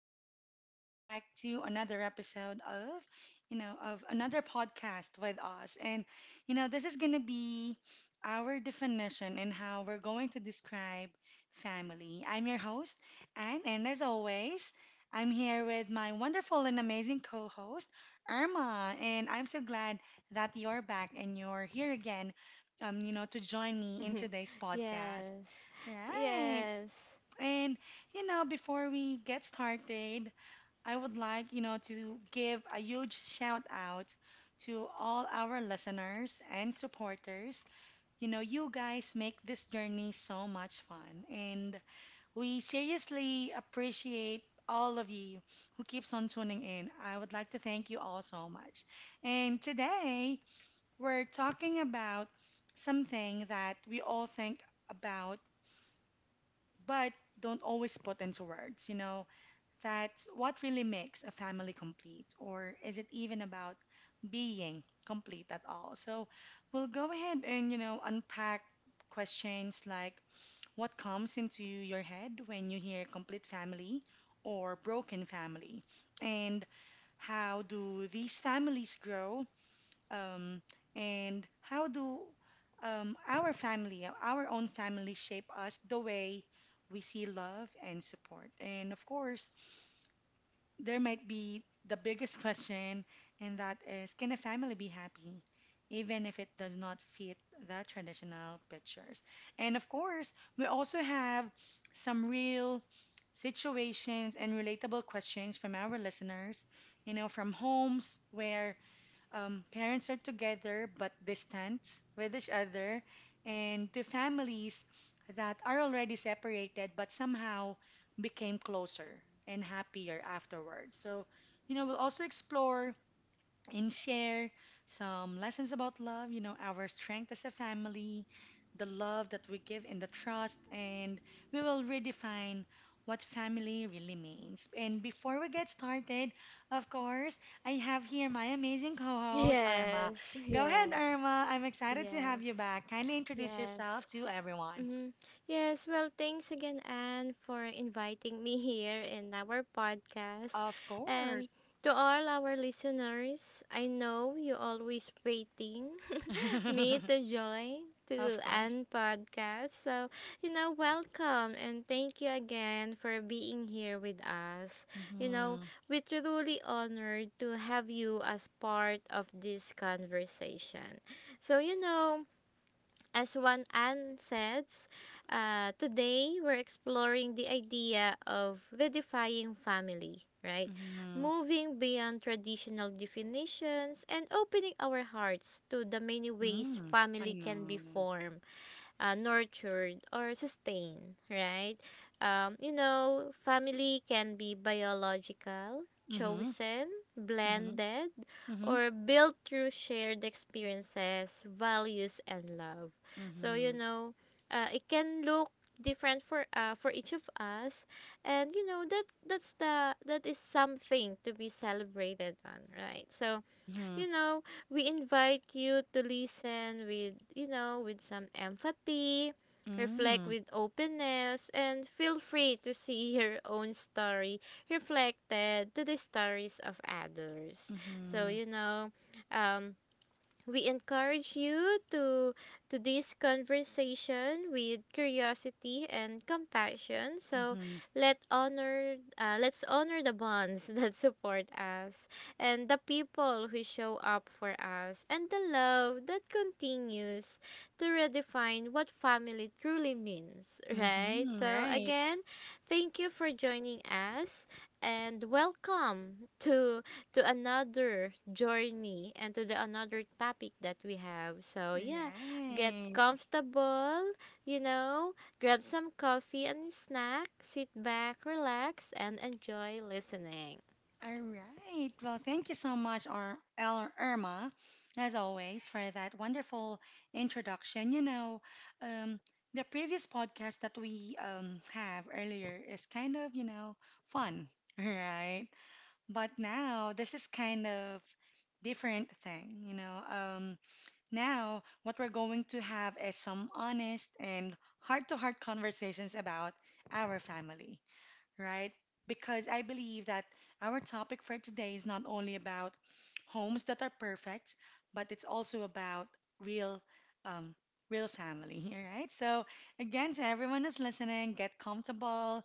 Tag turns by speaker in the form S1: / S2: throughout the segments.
S1: again, and welcome back to another episode of another podcast with us. And this is going to be our definition and how we're going to describe family. I'm your host, Anne, and as always, I'm here with my wonderful and amazing co host, Irma. And I'm so glad that you're back and you're here again, to join me in today's podcast.
S2: yes.
S1: Right.
S2: Yes.
S1: And before we get started, I would like, to give a huge shout out to all our listeners and supporters. You know, you guys make this journey so much fun, and we seriously appreciate all of you who keeps on tuning in. I would like to thank you all so much. And today, we're talking about something that we all think about but don't always put into words, you know that's what really makes a family complete, or is it even about being complete at all? So we'll go ahead and unpack questions like what comes into your head when you hear complete family or broken family, and how do these families grow, um, and how do our family, our own family, shape us the way we see love and support, and of course there might be the biggest question, and that is can a family be happy even if it does not fit the traditional pictures? And of course, we also have some real situations and relatable questions from our listeners, you know, from homes where parents are together but distant with each other, and to families that are already separated but somehow became closer and happier afterwards. So, you know, we'll also explore and share some lessons about love, you know, our strength as a family, the love that we give and the trust, and we will redefine what family really means. And before we get started, of course, I have here my amazing co-host, Irma.
S2: Yes.
S1: Go ahead,
S2: Yes.
S1: Irma. I'm excited to have
S2: Yes.
S1: you back. Kindly introduce
S2: Yes.
S1: yourself to everyone.
S2: hmm Yes. Well, thanks again, Anne, for inviting me here in our podcast.
S1: Of
S2: And
S1: course.
S2: to all our listeners, I know you're always waiting me to join to
S1: Of
S2: Anne
S1: course.
S2: podcast. So, welcome and thank you again for being here with us. You know,
S1: Mm-hmm.
S2: we truly honored to have you as part of this conversation. So, as one Anne says, today we're exploring the idea of redefining family, right?
S1: Mm-hmm.
S2: Moving beyond traditional definitions and opening our hearts to the many ways
S1: Mm. I
S2: family can be
S1: know.
S2: formed, nurtured, or sustained, right? You know, family can be biological,
S1: Mm-hmm.
S2: chosen, blended,
S1: Mhm.
S2: or built through shared experiences, values, and love. So,
S1: Mhm.
S2: it can look different for each of us, and you know that that is something to be celebrated on, right? So
S1: Mhm.
S2: you know, we invite you to listen with, with some empathy, reflect
S1: Mm.
S2: with openness, and feel free to see your own story reflected to the stories of others. So,
S1: Mhm.
S2: um, we encourage you to this conversation with curiosity and compassion. So
S1: Mhm.
S2: let's honor the bonds that support us and the people who show up for us and the love that continues to redefine what family truly means, right?
S1: Mhm.
S2: So
S1: Right.
S2: again, thank you for joining us and welcome to another journey and to the another topic that we have. So yeah, get
S1: Right.
S2: comfortable, you know, grab some coffee and snack, sit back, relax and enjoy listening.
S1: All right. Well, thank you so much, Irma, as always, for that wonderful introduction. You know, um, the previous podcast that we have earlier is kind of, you know, fun, right? But now this is kind of different thing, you know. Now, what we're going to have is some honest and heart to heart conversations about our family right? Because I believe that our topic for today is not only about homes that are perfect, but it's also about real, um, real family, all right? So, again, to everyone who's listening, get comfortable,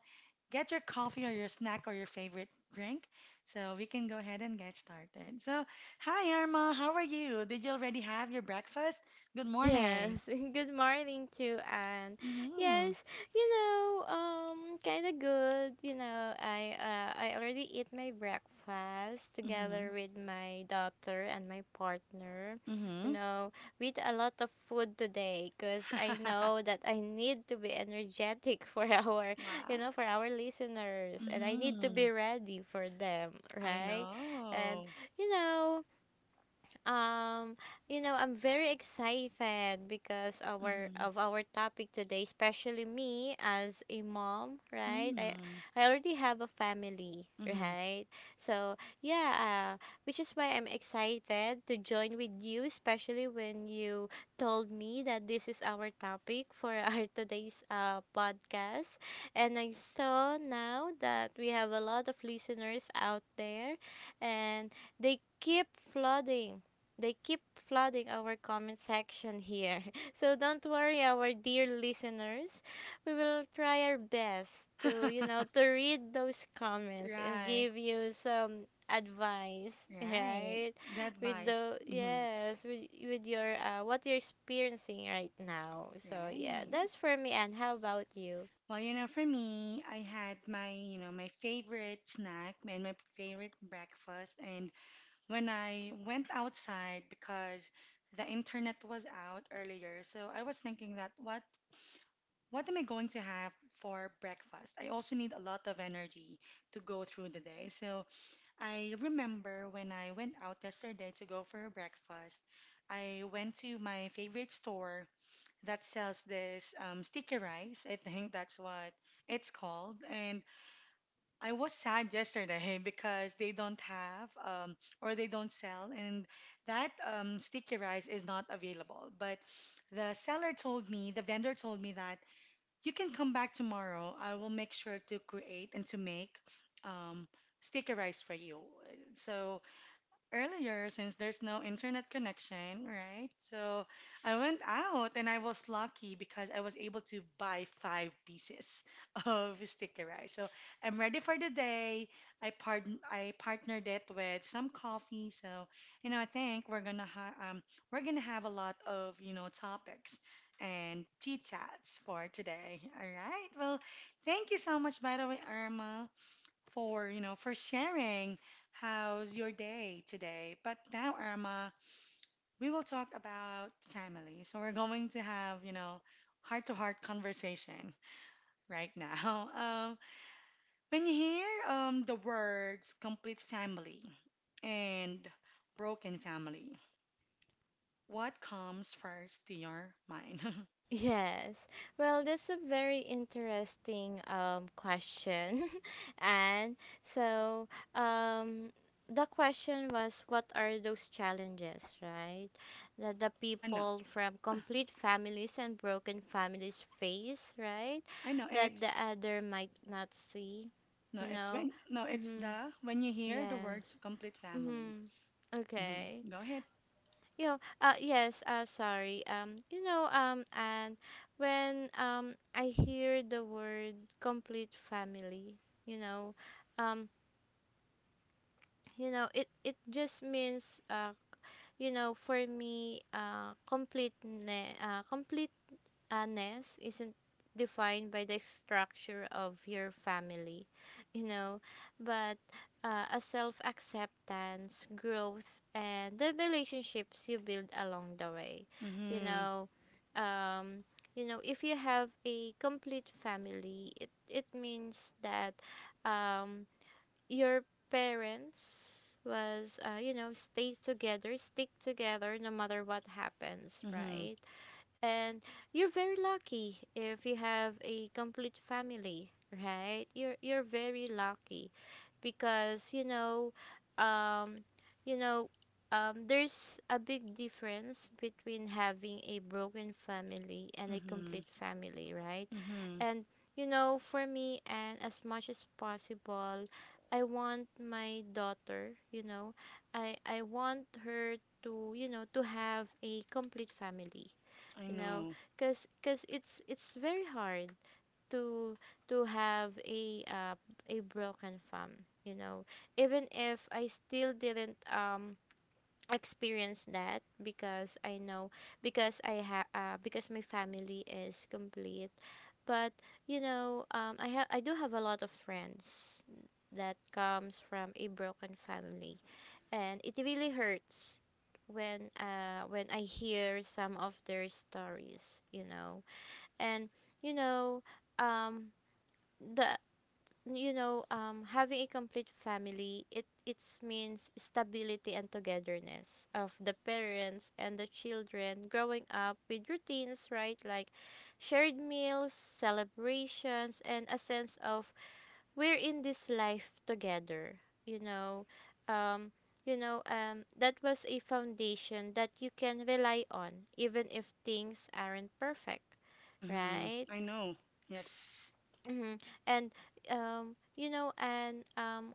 S1: get your coffee or your snack or your favorite drink, so we can go ahead and get started. So, hi, Irma, how are you? Did you already have your breakfast? Good
S2: Yes,
S1: morning.
S2: good morning to Anne.
S1: Mm-hmm.
S2: Yes, kind of good. You know, I already eat my breakfast
S1: Mm-hmm.
S2: together with my daughter and my partner. You
S1: Mm-hmm.
S2: know, with a lot of food today because I know that I need to be energetic for our,
S1: Wow.
S2: for our listeners, and I need to
S1: Mm-hmm.
S2: be ready for them,
S1: I
S2: right? And
S1: know.
S2: you know. Um, you know, I'm very excited because our
S1: Mm-hmm.
S2: of our topic today, especially me as a mom, right? I
S1: Mm-hmm.
S2: I already have a family,
S1: Mm-hmm.
S2: right? So, yeah, which is why I'm excited to join with you, especially when you told me that this is our topic for our today's podcast. And I saw now that we have a lot of listeners out there and they keep flooding they keep flooding our comment section here. So don't worry, our dear listeners. We will try our best to, to read those comments and
S1: Right.
S2: give you some advice,
S1: Right.
S2: right?
S1: That
S2: With
S1: advice.
S2: the
S1: Mm-hmm.
S2: yes, with your what you're experiencing right now. So yeah,
S1: Right.
S2: that's for me. And how about you?
S1: Well, you know, for me, I had my, you know, my favorite snack and my favorite breakfast. And when I went outside because the internet was out earlier, so I was thinking that what am I going to have for breakfast? I also need a lot of energy to go through the day. So I remember when I went out yesterday to go for a breakfast, I went to my favorite store that sells this sticky rice. I think that's what it's called. And I was sad yesterday because they don't have or they don't sell, and that sticky rice is not available. But the seller told me, the vendor told me that you can come back tomorrow. I will make sure to create and to make um, sticky rice for you. So earlier since there's no internet connection, right? So I went out and I was lucky because I was able to buy five pieces of sticky rice. So I'm ready for the day. I part I partnered it with some coffee. So you know I think we're gonna have a lot of you know topics and tea chats for today. All right. Well, thank you so much by the way, Irma for, you know, for sharing. How's your day today? But now, Irma, we will talk about family. So we're going to have, you know, heart-to-heart conversation right now. Um, when you hear the words complete family and broken family, what comes first to your mind?
S2: Yes. Well, that's a very interesting question. and so um, the question was what are those challenges, right? That the
S1: I know,
S2: people from complete families and broken families face, right?
S1: I know.
S2: That the
S1: It's
S2: other might not see,
S1: no,
S2: you
S1: it's
S2: know?
S1: when No, it's
S2: Mm-hmm.
S1: the when you hear the words
S2: Yes.
S1: complete family.
S2: Mm-hmm.
S1: Hmm
S2: Okay.
S1: Go ahead.
S2: You know, yes, sorry. You know, and When I hear the word complete family, you know, um, it it just means for me, a nest isn't defined by the structure of your family, you know, but a self acceptance, growth, and the relationships you build along the way. You
S1: Mm-hmm.
S2: know, um, if you have a complete family, it means that um, your parents was you know stay together stick together no matter what happens,
S1: Mm-hmm.
S2: right? And you're very lucky if you have a complete family, right? You're very lucky because um you know there's a big difference between having a broken family and a
S1: Mm-hmm.
S2: complete family, right?
S1: Mm-hmm.
S2: And you know, for me and as much as possible, I want my daughter, you know, I want her to, to have a complete family
S1: I
S2: you know
S1: know.
S2: because cause it's very hard to to have a broken farm you know even if I still didn't experience that because I know because I have because my family is complete but you know I have I do have a lot of friends that comes from a broken family and it really hurts when I hear some of their stories, you know. And you know, um the having a complete family it means stability and togetherness of the parents and the children growing up with routines, right? Like shared meals, celebrations and a sense of we're in this life together you know um that was a foundation that you can rely on even if things aren't perfect,
S1: Mm-hmm.
S2: right?
S1: I know. Yes.
S2: Mm-hmm. and You know and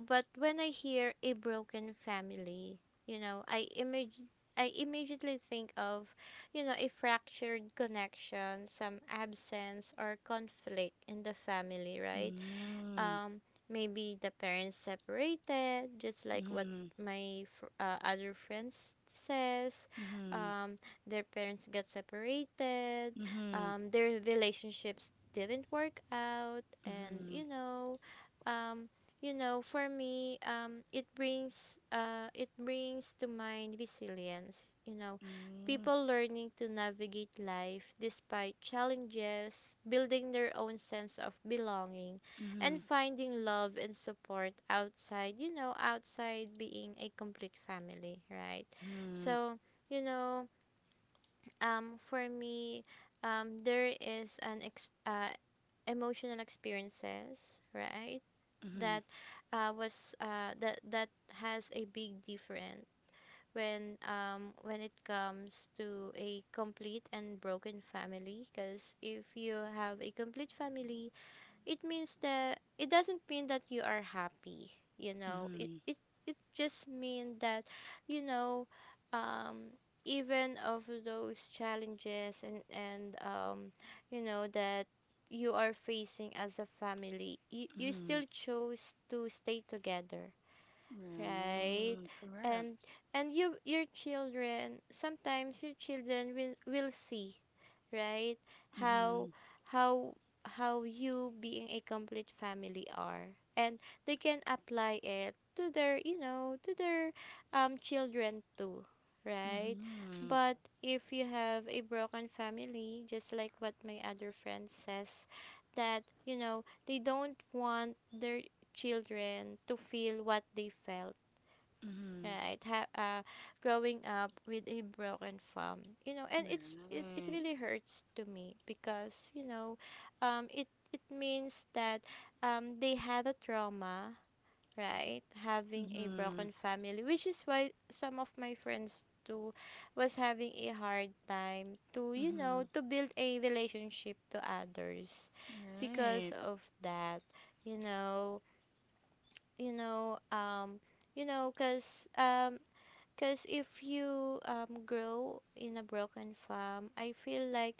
S2: but when I hear a broken family you know i image I immediately think of, you know, a fractured connection, some absence or conflict in the family, right?
S1: Mm-hmm.
S2: um Maybe the parents separated just like what
S1: Mm-hmm.
S2: other friends says,
S1: Mm-hmm.
S2: um their parents got separated,
S1: Mm-hmm.
S2: their relationships didn't work out. And
S1: Mm-hmm.
S2: you know um for me it brings to mind resilience, you know,
S1: Mm-hmm.
S2: people learning to navigate life despite challenges building their own sense of belonging
S1: Mm-hmm.
S2: and finding love and support outside, outside being a complete family, right?
S1: Mm-hmm.
S2: So, you know, for me, there is an ex- emotional experiences, right?
S1: Mm-hmm.
S2: That that that has a big difference when it comes to a complete and broken family because if you have a complete family it means that it doesn't mean that you are happy you know
S1: Mm-hmm.
S2: it just mean that you know um even of those challenges and you know that you are facing as a family, you still chose to stay together,
S1: Mm-hmm.
S2: right?
S1: Right.
S2: and
S1: Correct.
S2: and you your children sometimes your children will see, right,
S1: Mm-hmm.
S2: how how how you being a complete family are and they can apply it to their you know to their children too, right?
S1: Mm-hmm.
S2: But if you have a broken family just like what my other friend says that you know they don't want their children to feel what they felt,
S1: Mm-hmm.
S2: right? Growing up with a broken farm, you know, and it
S1: Right.
S2: really hurts to me because you know um it it means that they had a trauma, right, having a
S1: Mm-hmm.
S2: broken family, which is why some of my friends too was having a hard time to you
S1: Mm-hmm.
S2: know to build a relationship to others because
S1: Right.
S2: of that. You know you know you know cuz 'cause if you grow in a broken farm I feel like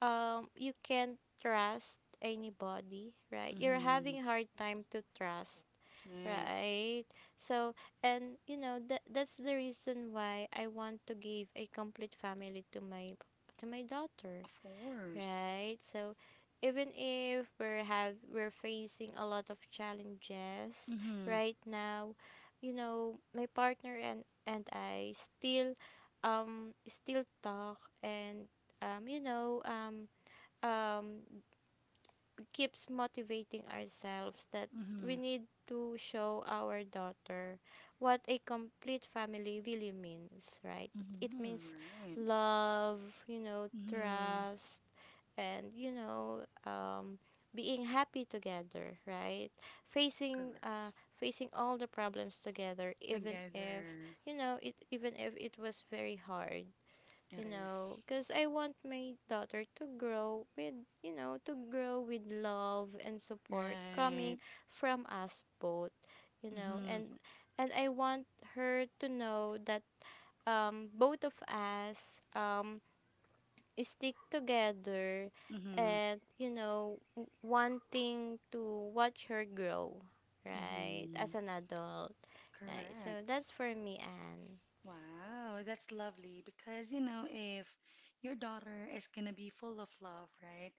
S2: you can't trust anybody right you're
S1: Mm-hmm.
S2: having hard time to trust,
S1: Right.
S2: right? So and you know that's the reason why I want to give a complete family to my daughter.
S1: Of course.
S2: Right. So even if we're facing a lot of challenges
S1: Mm-hmm.
S2: right now, you know, my partner and I still still talk and um you know um um keeps motivating ourselves that we
S1: Mm-hmm.
S2: need to show our daughter what a complete family really means, right? It
S1: Mm-hmm.
S2: means
S1: Right.
S2: love,
S1: Mm-hmm.
S2: trust, and, being happy together, right?
S1: Correct.
S2: Facing all the problems together, even if
S1: Together
S2: you know it even if it was very hard, you
S1: it
S2: know,
S1: is.
S2: because I want my daughter to grow with, to grow with love and support coming
S1: Right.
S2: from us both, you know,
S1: Mm-hmm.
S2: and I want her to know that both of us stick together
S1: Mm-hmm.
S2: and you know wanting to watch her grow right as
S1: Mm-hmm.
S2: an adult, right? So
S1: Correct.
S2: that's for me, Anne.
S1: Wow, that's lovely because you know if your daughter is gonna be full of love, right?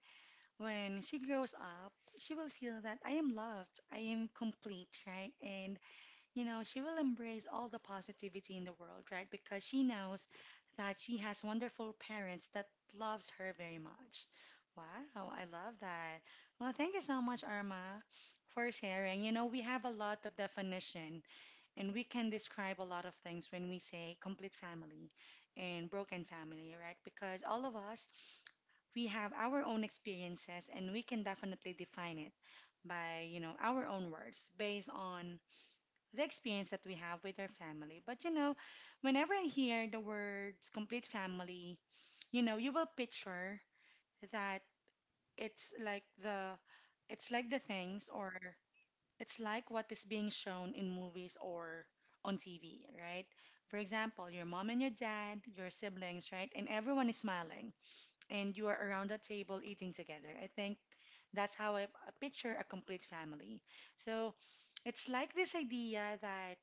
S1: When she grows up, she will feel that I am loved, I am complete, right? And you know, she will embrace all the positivity in the world, right? Because she knows that she has wonderful parents that loves her very much. Wow, I love that. Well, thank you so much, Arma, for sharing. You know, we have a lot of definition and we can describe a lot of things when we say complete family and broken family, right? Because all of us, we have our own experiences and we can definitely define it by, you know, our own words based on the experience that we have with our family. But you know, whenever I hear the words complete family, you know, you will picture that it's like the it's like the things or it's like what is being shown in movies or on TV, right? For example, your mom and your dad, your siblings, right? And everyone is smiling and you are around the table eating together. I think that's how I picture a complete family. So it's like this idea that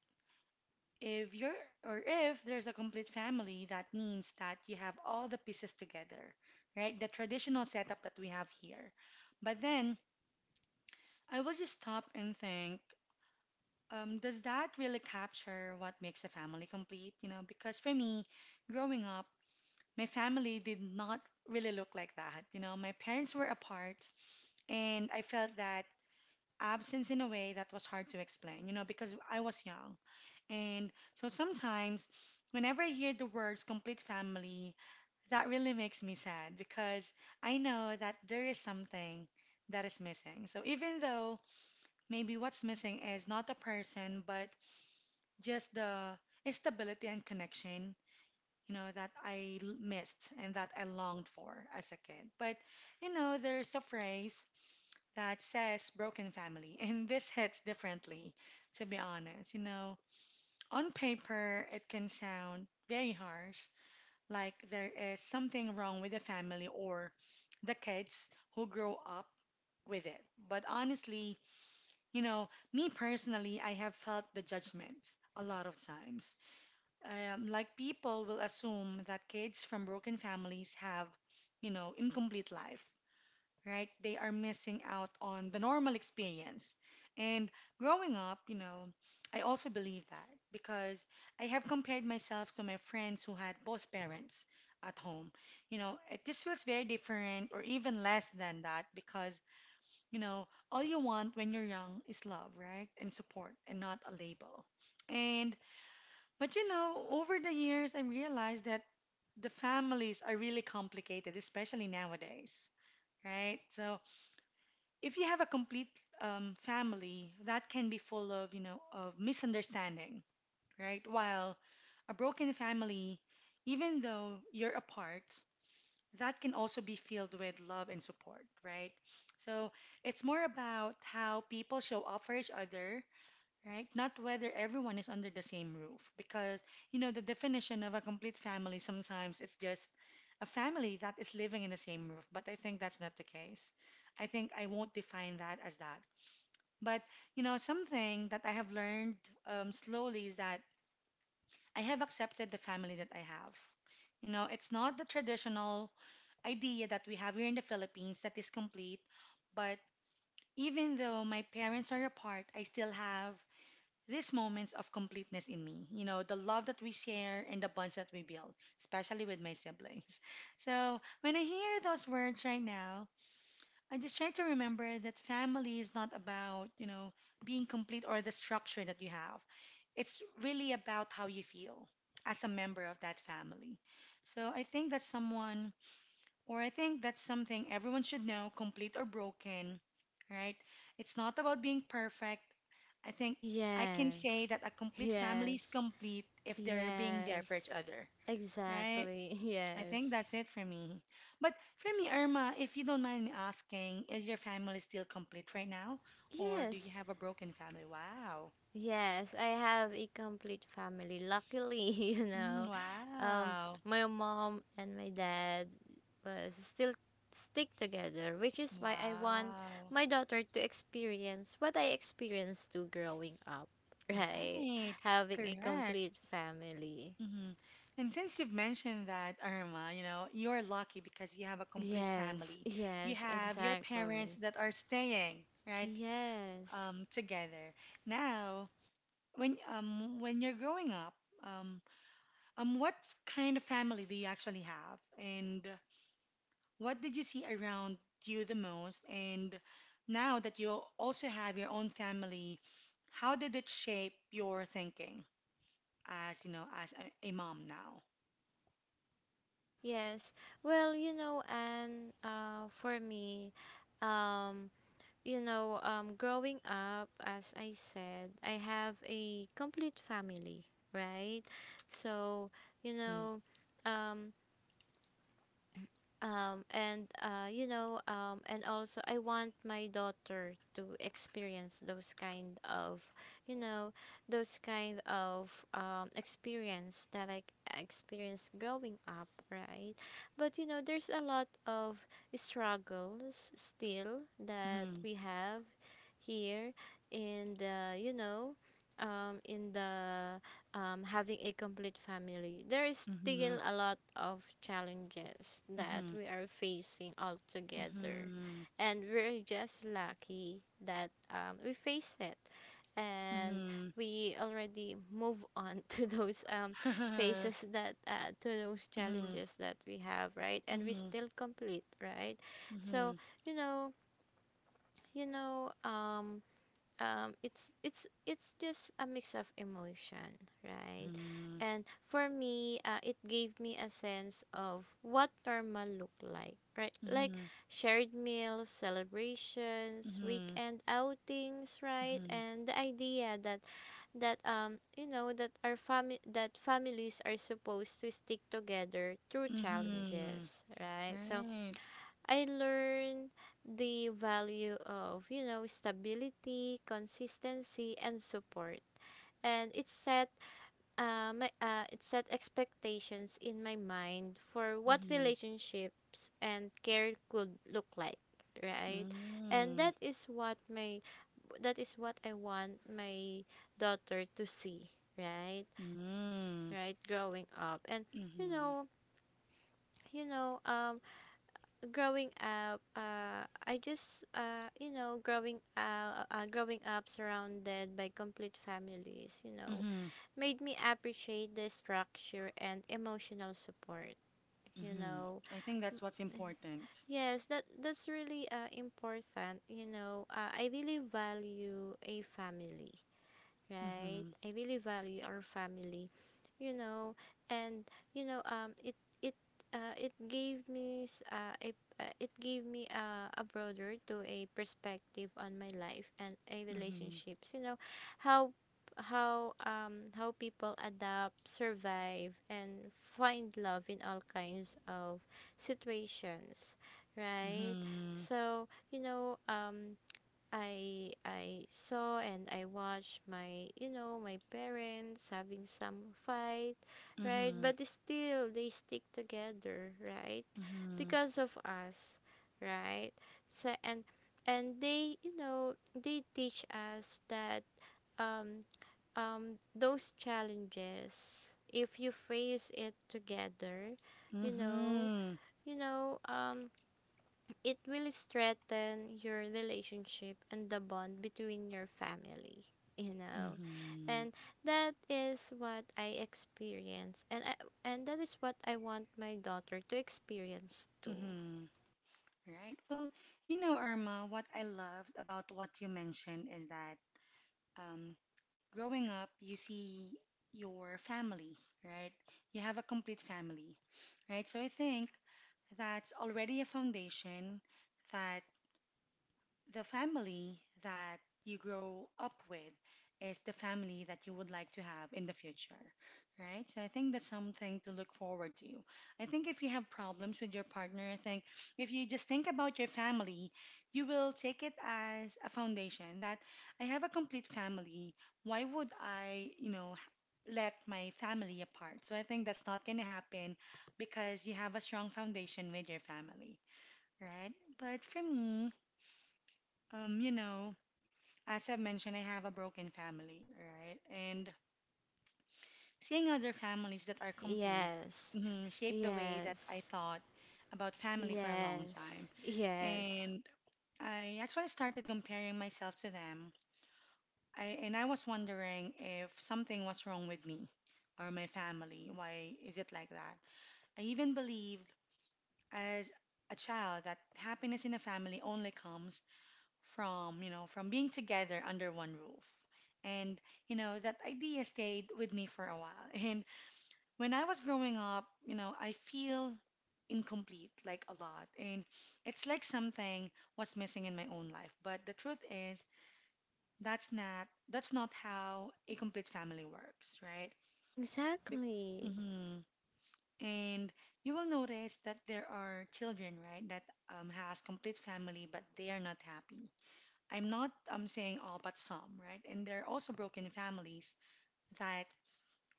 S1: if you're or if there's a complete family, that means that you have all the pieces together, right? The traditional setup that we have here. But then I will just stop and think, does that really capture what makes a family complete? You know, because for me, growing up, my family did not really look like that. You know, my parents were apart, and I felt that absence in a way that was hard to explain, you know, because I was young. And so sometimes, whenever I hear the words complete family, that really makes me sad because I know that there is something that is missing. So even though maybe what's missing is not the person, but just the stability and connection, you know, that missed and that I longed for as a kid. But, you know, there's a phrase that says broken family, and this hits differently, to be honest, you know. On paper, it can sound very harsh, like there is something wrong with the family or the kids who grow up with it. But honestly, you know, me personally, I have felt the judgment a lot of times. Like people will assume that kids from broken families have, you know, incomplete life right? They are missing out on the normal experience. And growing up, you know, I also believe that because I have compared myself to my friends who had both parents at home. You know, it just feels very different or even less than that because, you know, all you want when you're young is love, right? And support and not a label. And, but you know, over the years, I realized that the families are really complicated, especially nowadays, right? So, if you have a complete family, that can be full of, you know, of misunderstanding, right? While a broken family, even though you're apart, that can also be filled with love and support, right? So it's more about how people show up for each other right? Not whether everyone is under the same roof, because you know the definition of a complete family sometimes it's just a family that is living in the same roof, but I think that's not the case. I think I won't define that as that. But you know, something that I have learned slowly is that I have accepted the family that I have. You know, it's not the traditional idea that we have here in the Philippines that is complete, but even though my parents are apart, I still have these moments of completeness in me. You know, the love that we share and the bonds that we build, especially with my siblings. So when I hear those words right now, I just try to remember that family is not about, being complete or the structure that you have. It's really about how you feel as a member of that family. So I think that someone or I think that's something everyone should know, complete or broken, right? It's not about being perfect. I think I can say
S2: Yes.
S1: that a complete family
S2: Yes.
S1: is complete if they're being there
S2: Yes.
S1: for each other, right?
S2: Exactly.
S1: I
S2: Yes.
S1: think that's it for me. But for me, Irma, if you don't mind me asking, is your family still complete right now? Or do you
S2: Yes.
S1: have a broken family? Wow.
S2: Yes, I have a complete family. Luckily, you
S1: Mm,
S2: know, um,
S1: wow.
S2: my mom and my dad was still stick together, which is why I want
S1: Wow.
S2: my daughter to experience what I experienced too growing up, right?
S1: Right.
S2: Having a
S1: Correct.
S2: complete family.
S1: Hmm. And since you've mentioned that, Irma, you know, you're lucky because you have a complete
S2: Yes,
S1: family. You
S2: yes,
S1: have your parents
S2: exactly.
S1: that are staying, right,
S2: Yes.
S1: together. Now, when you're growing up, um, what kind of family do you actually have, and what did you see around you the most? And now that you also have your own family, how did it shape your thinking as, you know, as a mom now?
S2: Yes. Well, you know, and for me, um, growing up, as I said, I have a complete family, right? So, you
S1: Mm-hmm.
S2: know, um, and you know and also I want my daughter to experience those kind of you know those kind of experience that I experienced growing up right but you know there's a lot of struggles still that
S1: Mm-hmm.
S2: we have here in the um in the having a complete family, there is
S1: Mhm.
S2: still a lot of challenges that
S1: Mhm.
S2: we are facing all together.
S1: Mhm.
S2: And we're just lucky that we face it. And
S1: Mhm.
S2: we already move on to those
S1: Mhm.
S2: to those challenges that we have, right? And we
S1: Mhm.
S2: still complete, right? So,
S1: Mhm.
S2: you know, you know, um, it's just a mix of emotion right
S1: Mhm.
S2: and for me it gave me a sense of what normal looked like, right? Like shared meals,
S1: Mhm.
S2: celebrations,
S1: Mhm.
S2: weekend outings, right?
S1: Mhm.
S2: And the idea that that you know that our family that families are supposed to stick together through
S1: Mhm. Mhm.
S2: challenges, right? So
S1: Right.
S2: I learned the value of, you know, stability, consistency, and support. And it set expectations in my mind for what
S1: Mhm.
S2: relationships and care could look like, right? And
S1: Mm.
S2: that is what I want my daughter to see, right?
S1: Mm.
S2: Right, growing up. And you
S1: Mhm.
S2: know, you know, um growing up, I just you know growing growing up surrounded by complete families, you know,
S1: Mhm.
S2: made me appreciate the structure and emotional support, you
S1: Mhm.
S2: know.
S1: I think that's what's important.
S2: Yes, that's really important. You know, I really value a family, right?
S1: Mhm.
S2: I really value our family, you know, and you know, it it it gave me s- a it gave me a broader to a perspective on my life and a
S1: Mhm.
S2: relationships. You know, how how people adapt, survive, and find love in all kinds of situations, right?
S1: Mhm.
S2: So I I saw and I watched my you know my parents having some fight, right?
S1: Mhm.
S2: But still they stick together, right?
S1: Mhm.
S2: Because of us, right? So and they, you know, they teach us that um those challenges, if you face it together, you know
S1: Mhm.
S2: you know, it will strengthen your relationship and the bond between your family, you know.
S1: Mhm.
S2: And that is what I experience and I, and that is what I want my daughter to experience too.
S1: Mhm. Right. Well, you know, Irma, what I loved about what you mentioned is that um, growing up, you see your family, right? You have a complete family, right? So I think that's already a foundation that the family that you grow up with is the family that you would like to have in the future, right? So I think that's something to look forward to. I think if you have problems with your partner, I think if you just think about your family, you will take it as a foundation that I have a complete family. Why would I, you know, let my family apart? So I think that's not going to happen because you have a strong foundation with your family, right? But for me, you know, as I've mentioned, I have a broken family, right? And seeing other families that are complete
S2: Yes.
S1: mhm, shaped the way that I
S2: Yes.
S1: thought about family for a long time.
S2: Yes. Yes.
S1: And I actually started comparing myself to them. And I was wondering if something was wrong with me or my family. Why is it like that? I even believed as a child that happiness in a family only comes from, you know, from being together under one roof. And, you know, that idea stayed with me for a while. And when I was growing up, you know, I feel incomplete like a lot. And it's like something was missing in my own life. But the truth is, that's not how a complete family works, right?
S2: Exactly.
S1: Mhm. And you will notice that there are children, right, that has complete family, but they are not happy. I'm not saying all, but some, right? And there are also broken families that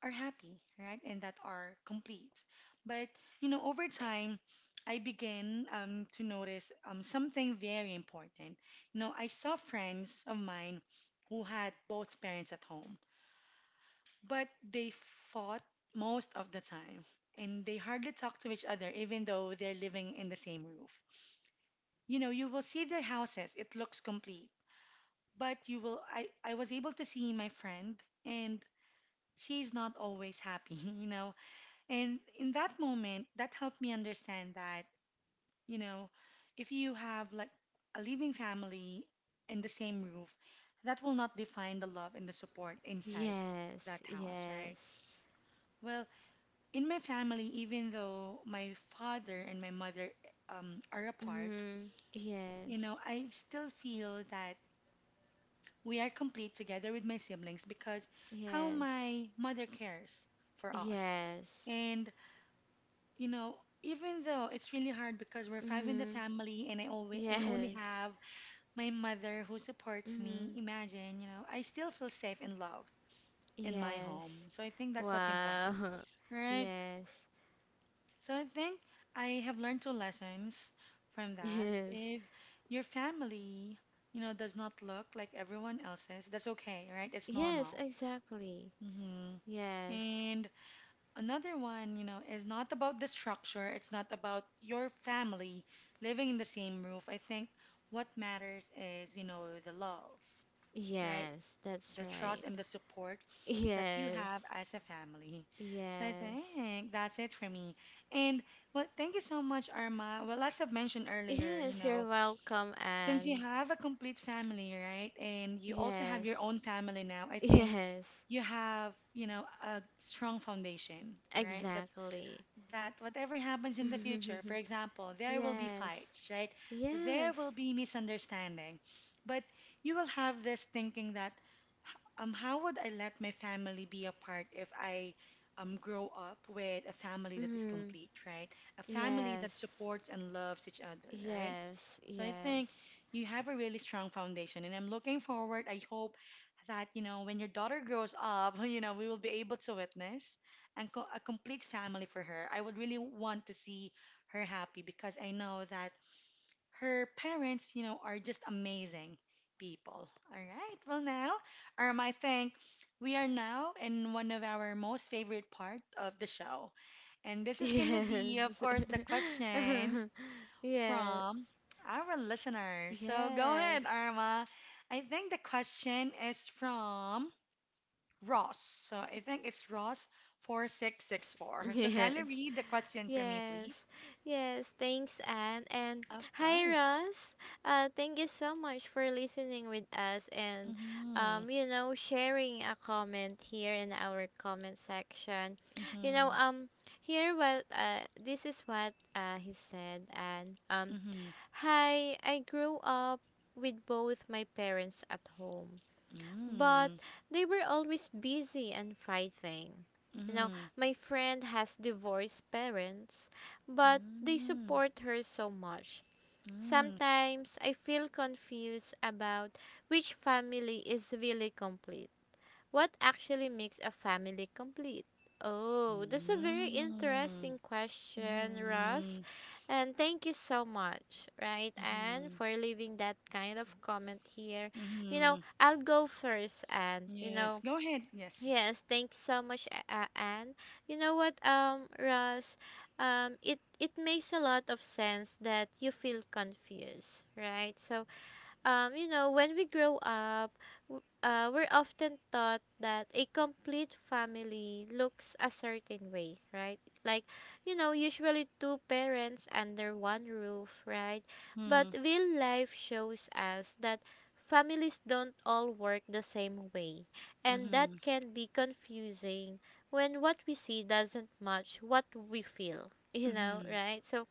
S1: are happy, right? And that are complete. But, you know, over time, I began to notice something very important. You know, I saw friends of mine who had both parents at home, but they fought most of the time. And they hardly talk to each other, even though they're living in the same roof. You know, you will see their houses, it looks complete. But you will, I was able to see my friend, and she's not always happy, you know. And in that moment, that helped me understand that, you know, if you have like a living family in the same roof, that will not define the love and the support inside
S2: Yes.
S1: that house, right?
S2: Yes.
S1: Well, in my family, even though my father and my mother are apart,
S2: Mm.
S1: you
S2: Yes.
S1: know, I still feel that we are complete together with my siblings because how
S2: Yes.
S1: my mother cares for us.
S2: Yes.
S1: And you know, even though it's really hard because we're five in the
S2: Mm.
S1: family and I only
S2: Yes.
S1: have my mother who supports me,
S2: Mm.
S1: imagine, you know, I still feel safe and loved in my home.
S2: Yes.
S1: So I think that's what's important.
S2: Wow.
S1: Right?
S2: Yes.
S1: So I think I have learned two lessons from that.
S2: Yes.
S1: If your family, you know, does not look like everyone else's, that's okay, right? It's
S2: Yes,
S1: normal.
S2: exactly.
S1: Mhm.
S2: Yes.
S1: And another one, you know, is not about the structure, it's not about your family living in the same roof. I think what matters is, you know, the love, right?
S2: Yes, that's
S1: The trust
S2: right.
S1: and the support that you have
S2: Yes.
S1: as a family. So I
S2: Yes.
S1: think that's it for me. And well, thank you so much, Arma. Well, as I've mentioned earlier, you
S2: Yes, you're
S1: know,
S2: welcome,
S1: since you
S2: Anne.
S1: have a complete family, right? And you also have your
S2: Yes.
S1: own family now, I think
S2: Yes.
S1: you have, you know, a strong foundation, right?
S2: Exactly.
S1: That whatever happens in the future, for example, there will be
S2: Yes.
S1: fights, right? There
S2: Yes.
S1: will be misunderstanding. But you will have this thinking that, how would I let my family be apart if I grow up with a family that is
S2: Mm-hmm.
S1: complete, right? A family that
S2: Yes.
S1: supports and loves each other, right?
S2: Yes.
S1: So I think
S2: Yes.
S1: you have a really strong foundation, and I'm looking forward. I hope that, you know, when your daughter grows up, you know, we will be able to witness and a complete family for her. I would really want to see her happy because I know that her parents, you know, are just amazing people. All right. Well, now, I think we are now in one of our most favorite part of the show. And this is going to be, of
S2: Yes.
S1: course, the questions
S2: Yes.
S1: from our listeners. So go
S2: Yes.
S1: ahead, Arma. I think the question is from Ross. So I think it's Ross
S2: Yes.
S1: 4664. So kindly
S2: Yes.
S1: read the question for me,
S2: Yes.
S1: please.
S2: Yes. Thanks, Anne. And
S1: Of
S2: hi,
S1: course.
S2: Ross. Thank you so much for listening with us and,
S1: Mm-hmm.
S2: you know, sharing a comment here in our comment section. You know,
S1: Mm-hmm.
S2: um, Here this is what he said, and,
S1: Mm-hmm.
S2: hi, I grew up with both my parents at home, but they were always busy and fighting.
S1: Mm-hmm.
S2: You know,
S1: Mm-hmm.
S2: my friend has divorced parents, but they
S1: Mm-hmm.
S2: support her so much.
S1: Mm-hmm.
S2: Sometimes I feel confused about which family is really complete. What actually makes a family complete? Oh, that's a very interesting question, Russ.
S1: Mm-hmm.
S2: And thank you so much, right, Anne,
S1: Mm-hmm.
S2: for leaving that kind of comment here. You know,
S1: Mm-hmm.
S2: I'll go first, Anne. You
S1: Yes.
S2: know,
S1: Go ahead. Yes.
S2: yes, thanks so much, Anne. You know what, Russ, it makes a lot of sense that you feel confused, right? So, you know, when we grow up, we're often taught that a complete family looks a certain way, right? Like, you know, usually two parents under one roof, right? But
S1: Mm-hmm.
S2: real life shows us that families don't all work the same way, and
S1: Mm-hmm.
S2: that can be confusing when what we see doesn't match what we feel, you know,
S1: Mm-hmm.
S2: right? So,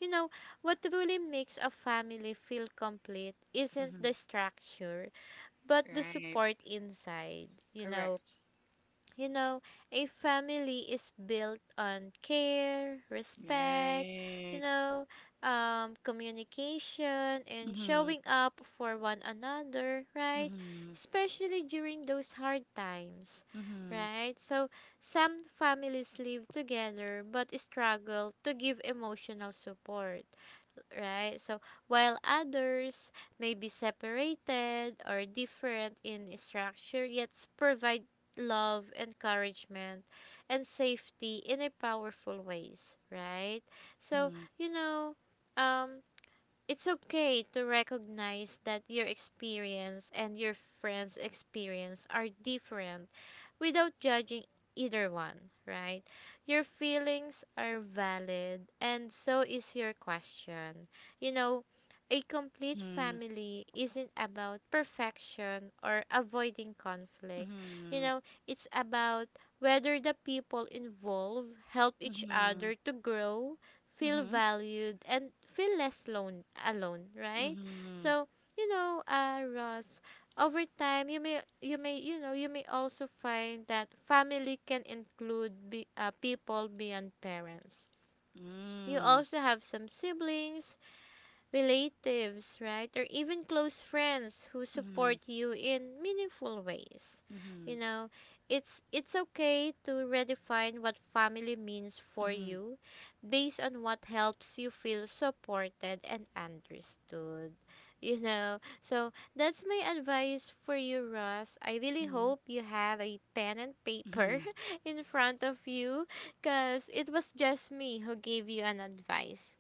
S2: you know, what really makes a family feel complete isn't
S1: Mm-hmm.
S2: the structure, but the
S1: Right.
S2: support inside, you know.
S1: Correct.
S2: You know, a family is built on care, respect, you
S1: Right.
S2: know, communication, and
S1: Mm-hmm.
S2: showing up for one another, right?
S1: Mm-hmm.
S2: Especially during those hard times,
S1: Mm-hmm.
S2: right? So, some families live together but struggle to give emotional support, right? So while others may be separated or different in structure, yet provide love, encouragement, and safety in a powerful ways, right? So
S1: Mm-hmm.
S2: you know, um, it's okay to recognize that your experience and your friend's experience are different without judging either one, right? Your feelings are valid, and so is your question. You know, a complete
S1: Mhm.
S2: family isn't about perfection or avoiding conflict. You
S1: Mhm.
S2: know, it's about whether the people involved help each
S1: Mhm.
S2: other to grow, feel
S1: Mhm.
S2: valued, and feel less alone, right?
S1: Mhm.
S2: So, you know, Ross, over time, you may also find that family can include people beyond parents. You
S1: Mm.
S2: also have some siblings, relatives, right, or even close friends who
S1: Mhm.
S2: support you in meaningful ways.
S1: Mhm.
S2: You know, it's okay to redefine what family means for
S1: Mhm.
S2: you based on what helps you feel supported and understood. You know, so that's my advice for you, Ross. I really
S1: Mhm.
S2: hope you have a pen and paper
S1: Mhm.
S2: in front of you because it was just me who gave you an advice.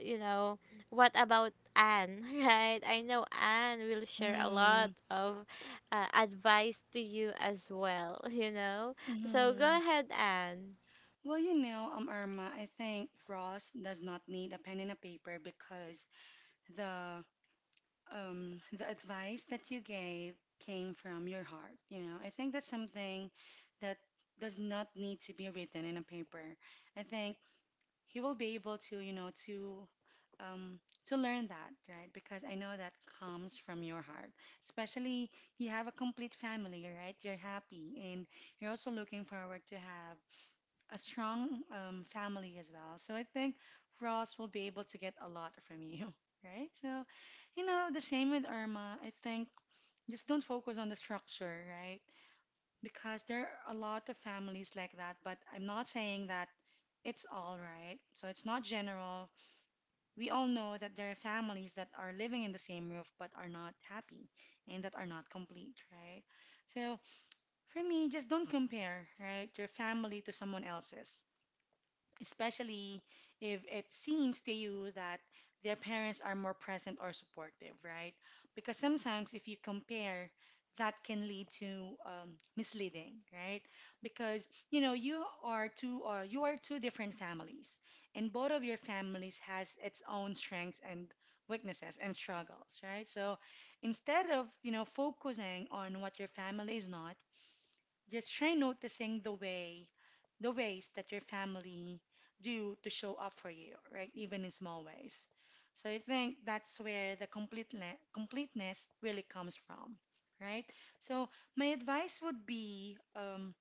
S2: You know, what about Anne, right? I know Anne will share a lot
S1: Mhm.
S2: of advice to you as well, you know? So go
S1: Mhm.
S2: ahead, Anne.
S1: Well, you know, Irma, I think Ross does not need a pen and a paper because the the advice that you gave came from your heart. You know, I think that's something that does not need to be written in a paper. I think he will be able to, you know, um, to learn that, right? Because I know that comes from your heart. Especially you have a complete family, right? You're happy, and you're also looking forward to have a strong family as well. So I think Ross will be able to get a lot from you, right? So, you know, the same with Irma. I think just don't focus on the structure, right? Because there are a lot of families like that, but I'm not saying that it's all right. So it's not general. We all know that there are families that are living in the same roof but are not happy and that are not complete, right? So for me, just don't compare, right, your family to someone else's especially if it seems to you that their parents are more present or supportive, right? Because sometimes if you compare, that can lead to misleading, right? Because you know you are two or you are two different families, and both of your families has its own strengths and weaknesses and struggles, right? So instead of you know focusing on what your family is not, just try noticing the ways that your family do to show up for you, right? Even in small ways. So I think that's where the completeness really comes from, right? So my advice would be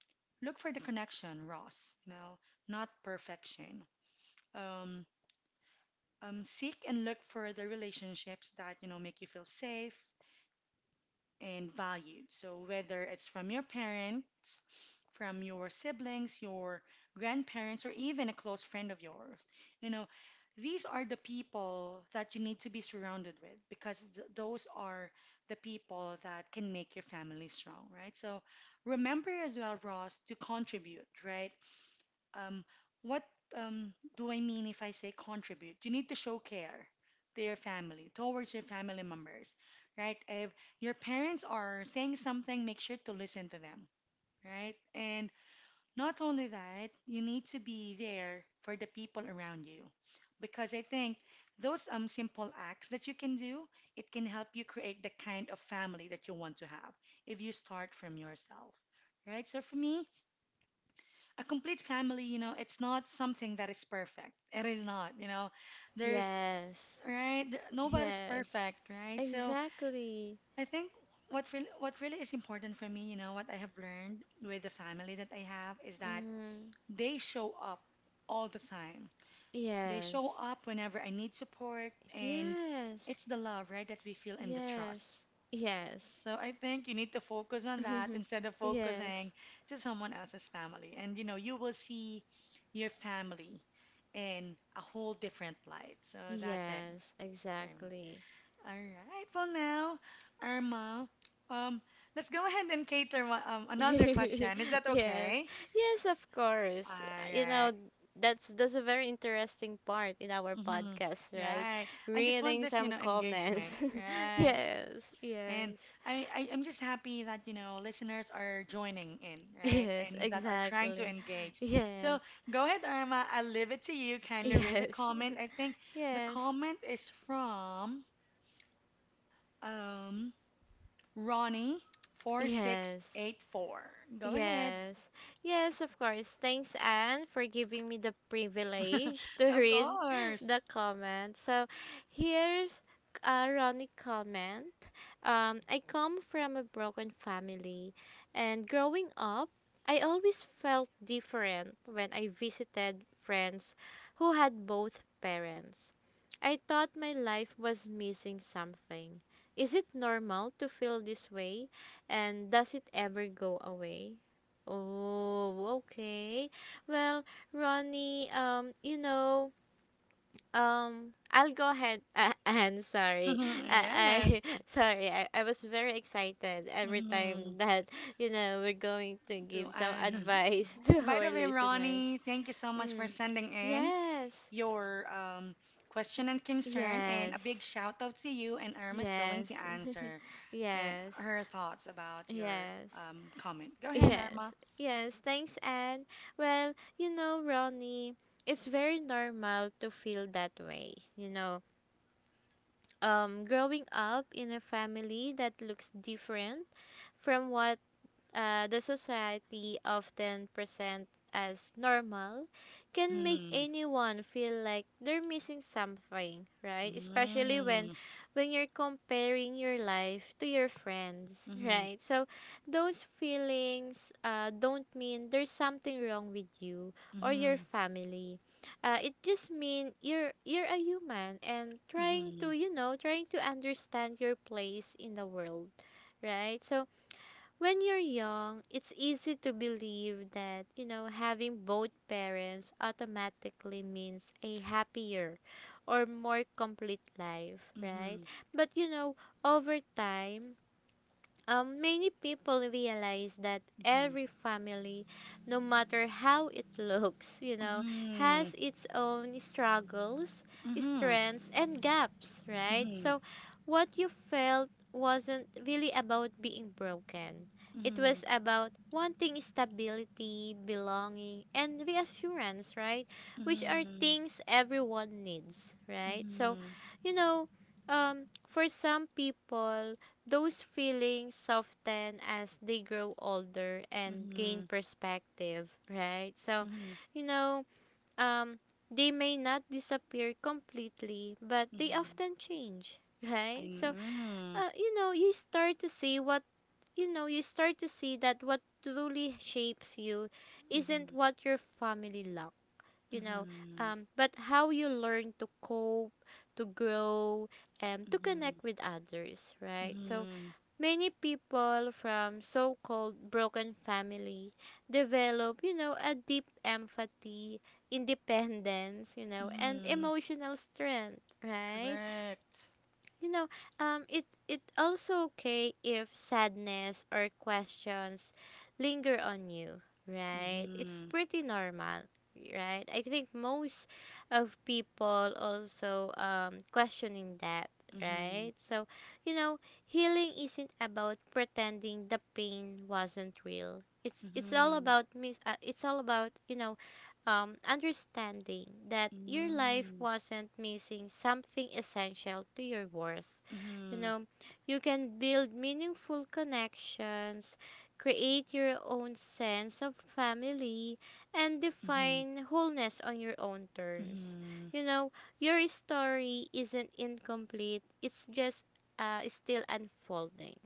S1: look for the connection, Ross. You know, not perfection. Um, seek and look for the relationships that you know make you feel safe, and valued. So, whether it's from your parents, from your siblings, your grandparents, or even a close friend of yours, you know, these are the people that you need to be surrounded with because those are the people that can make your family strong, right? So, remember as well, Ross, to contribute, right? Um, what do I mean if I say contribute? You need to show care to your family, towards your family members, right? If your parents are saying something, make sure to listen to them, right? And not only that, you need to be there for the people around you. Because I think those simple acts that you can do, it can help you create the kind of family that you want to have if you start from yourself, right? So for me, a complete family, you know, it's not something that is perfect. It is not. There's
S2: Yes.
S1: right, there, nobody's
S2: Yes.
S1: perfect, right? So
S2: Exactly.
S1: I think what really is important for me, what I have learned with the family that I have is that
S2: Mm.
S1: they show up all the time. They show
S2: Yes.
S1: up whenever I need support, and
S2: Yes.
S1: it's the love, right, that we feel and the
S2: Yes.
S1: trust.
S2: Yes.
S1: So I think you need to focus on that instead of
S2: Yes.
S1: focusing to someone else's family. And you will see your family in a whole different light. So that's it
S2: Yes.
S1: for me.
S2: Exactly.
S1: All right. Well, now, Irma, um, let's go ahead and cater another question. Is that
S2: Yes.
S1: okay?
S2: Yes, of
S1: All
S2: course. You know,
S1: right.
S2: that's a very interesting part in our
S1: Mm-hmm.
S2: podcast, right?
S1: Right. I just want
S2: Reading
S1: this, you
S2: some
S1: know, engagement.
S2: comments.
S1: Right.
S2: Yes.
S1: And
S2: Yes.
S1: I'm just happy that, listeners are joining in, right?
S2: Yes,
S1: And that are trying to
S2: exactly.
S1: engage. So
S2: Yes.
S1: go ahead, Irma. I'll leave it to you. Kindly read the
S2: Yes.
S1: comment. I think the
S2: Yes.
S1: comment is from um,
S2: Yes.
S1: Ronnie4684. Go ahead.
S2: Yes. Yes, of course. Thanks, Anne, for giving me the privilege to
S1: Of
S2: read the
S1: course.
S2: comment. So, here's a Ronnie comment. I come from a broken family, and growing up, I always felt different when I visited friends who had both parents. I thought my life was missing something. Is it normal to feel this way? And does it ever go away? Oh, okay. Well, Ronnie, you know, I'll go ahead. And sorry, I
S1: Yes.
S2: sorry, I was very excited every
S1: Mhm.
S2: time that you know we're going to
S1: To,
S2: give some advice
S1: yeah.
S2: to
S1: By
S2: our
S1: the way,
S2: listeners.
S1: Ronnie, thank you so much for
S2: Mm.
S1: sending in
S2: Yes,
S1: your question and concern, and a big
S2: yes,
S1: shout out to you. And Irma is going to
S2: yes,
S1: answer uh,
S2: yes,
S1: her thoughts about your
S2: yes.
S1: comment. Go ahead,
S2: Yes,
S1: Irma.
S2: yes, thanks, Anne. Well, you know, Ronnie, it's very normal to feel that way. You know, growing up in a family that looks different from what the society often present as normal can make
S1: Mm-hmm.
S2: anyone feel like they're missing something, right? Especially when
S1: Mm-hmm.
S2: when you're comparing your life to your friends,
S1: Mm-hmm.
S2: right? So those feelings don't mean there's something wrong with you or your
S1: Mm-hmm.
S2: family. It just mean you're a human and trying
S1: Mm-hmm.
S2: to, you know, trying to understand your place in the world, right? So when you're young, it's easy to believe that, you know, having both parents automatically means a happier or more complete life, right?
S1: Mm-hmm.
S2: But, you know, over time, many people realize that
S1: Mm-hmm.
S2: every family, no matter how it looks, you know, has its own struggles,
S1: Mm-hmm.
S2: strengths, and gaps,
S1: Mm-hmm.
S2: right?
S1: Mm-hmm.
S2: So, what you felt wasn't really about being broken.
S1: Mm-hmm.
S2: It
S1: Mm-hmm.
S2: was about wanting stability, belonging, and reassurance, right? Which are
S1: Mm-hmm.
S2: things everyone needs, right? So, you know, for some people, those feelings soften as they grow older and gain perspective, right? So,
S1: Mm-hmm.
S2: you know, um, they may not disappear completely, but they
S1: Mm-hmm.
S2: often change,
S1: I
S2: right? So,
S1: know.
S2: you know, you start to see that what truly shapes you isn't
S1: Mm-hmm.
S2: what your family lacked, you know,
S1: Mm-hmm.
S2: but how you learn to cope, to grow, and to
S1: Mm-hmm.
S2: connect with others, right? So,
S1: Mm-hmm.
S2: many people from so-called broken family develop, you know, a deep empathy, independence, you know, and
S1: Mm-hmm.
S2: emotional strength, right?
S1: Correct.
S2: You know, it also okay if sadness or questions linger on you, right? It's
S1: Mm-hmm.
S2: pretty normal, right? I think most of people also questioning that,
S1: Mm-hmm.
S2: right? So, you know, healing isn't about pretending the pain wasn't real,
S1: Mm-hmm.
S2: it's all about, you know, understanding that your life
S1: Mm-hmm.
S2: wasn't missing something essential to your worth. You
S1: Mm-hmm.
S2: know, you can build meaningful connections, create your own sense of family, and
S1: Mm-hmm.
S2: define wholeness on your own terms.
S1: Mm-hmm.
S2: You know, your story isn't incomplete, it's just still unfolding.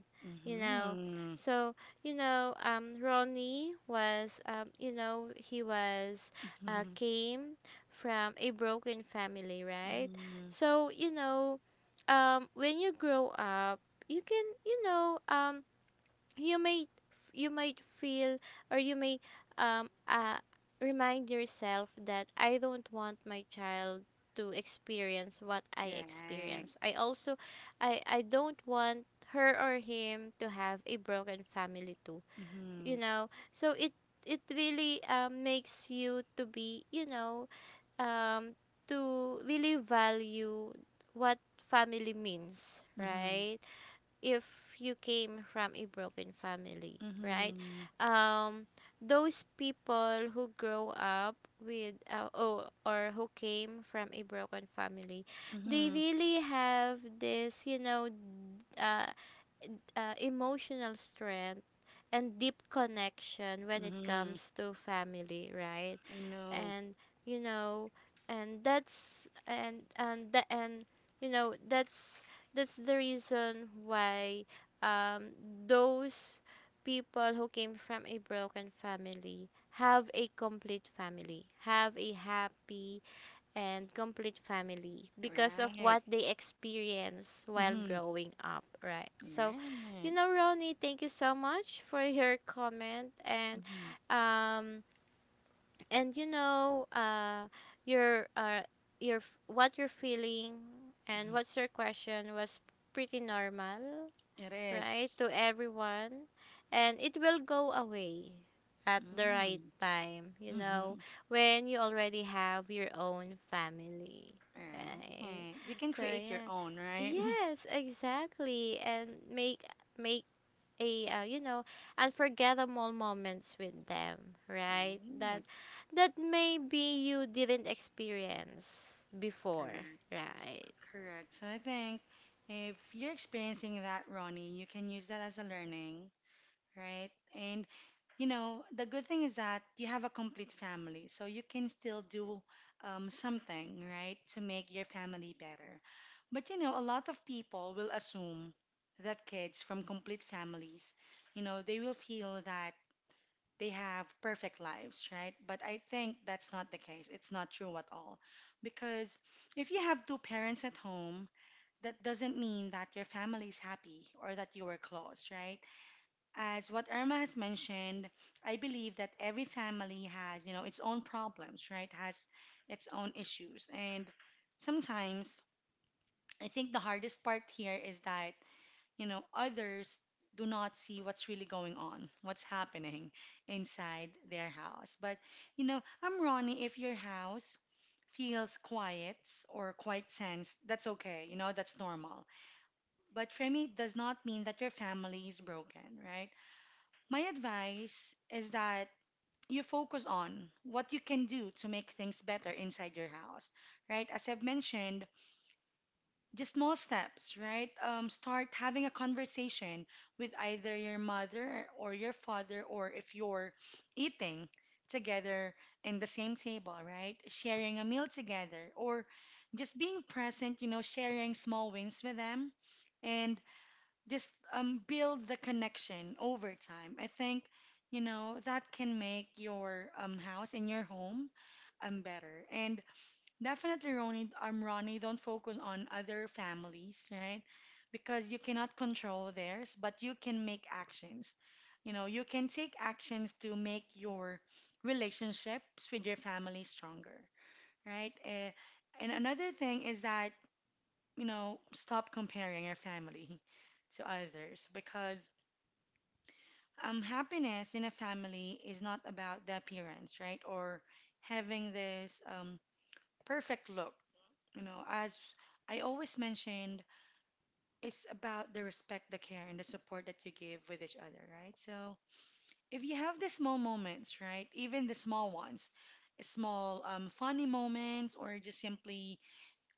S2: You know,
S1: Mm-hmm.
S2: so you know, Ronnie was, you know, he was
S1: Mm-hmm.
S2: came from a broken family, right?
S1: Mm-hmm.
S2: So, you know, when you grow up, you can, you know, you may, you might feel, or you may, um, uh, remind yourself that I don't want my child to experience what I
S1: Right.
S2: experience. I also, I don't want her or him to have a broken family too, you
S1: Mm-hmm.
S2: know. So it really makes you to be, you know, um, to really value what family means,
S1: Mm-hmm.
S2: right? If you came from a broken family, right,
S1: Mm-hmm.
S2: um, those people who grow up with oh, or who came from a broken family, they
S1: Mm-hmm.
S2: really have this, you know, uh, emotional strength and deep connection when it
S1: Mm-hmm.
S2: comes to family, right?
S1: I know.
S2: And you know, and that's and the and you know that's the reason why um those people who came from a broken family have a complete family, have a happy and complete family because of what
S1: Right.
S2: they experience while
S1: Mm-hmm.
S2: growing up, right? So,
S1: Right.
S2: Ronnie, thank you so much for your comment
S1: Mm-hmm.
S2: um and you know your uh your f- what you're feeling and
S1: Mm-hmm.
S2: what's your question was pretty normal,
S1: It
S2: right,
S1: is.
S2: to everyone, and it will go away at the right
S1: Mm-hmm.
S2: time, you know,
S1: Mm-hmm.
S2: when you already have your own family, right?
S1: Right. You can
S2: So
S1: create your
S2: yeah,
S1: own, right?
S2: yes, exactly, and make a you know unforgettable moments with them, right? That
S1: Right.
S2: that maybe you didn't experience before,
S1: Correct.
S2: right?
S1: Correct. So I think if you're experiencing that, Ronnie, you can use that as a learning, right? And the good thing is that you have a complete family, so you can still do something, right, to make your family better. But a lot of people will assume that kids from complete families, they will feel that they have perfect lives, right? But I think that's not the case. It's not true at all. Because if you have two parents at home, that doesn't mean that your family is happy or that you are close, right? As what Irma has mentioned, I believe that every family has, its own problems, right? Has its own issues. And sometimes I think the hardest part here is that others do not see what's really going on, what's happening inside their house. But, I'm Ronnie. If your house feels quiet or quite tense, that's okay. That's normal. But for me, it does not mean that your family is broken, right? My advice is that you focus on what you can do to make things better inside your house, right? As I've mentioned, just small steps, right? Start having a conversation with either your mother or your father, or if you're eating together in the same table, right? Sharing a meal together, or just being present, sharing small wins with them and just build the connection over time. I think, that can make your house and your home better. And definitely, Ronnie, don't focus on other families, right? Because you cannot control theirs, but you can make actions. You can take actions to make your relationships with your family stronger, right? Eh, and another thing is that, stop comparing your family to others because happiness in a family is not about the appearance, right? Or having this perfect look, as I always mentioned, it's about the respect, the care, and the support that you give with each other, right? So if you have the small moments, right, even the small ones, small funny moments, or just simply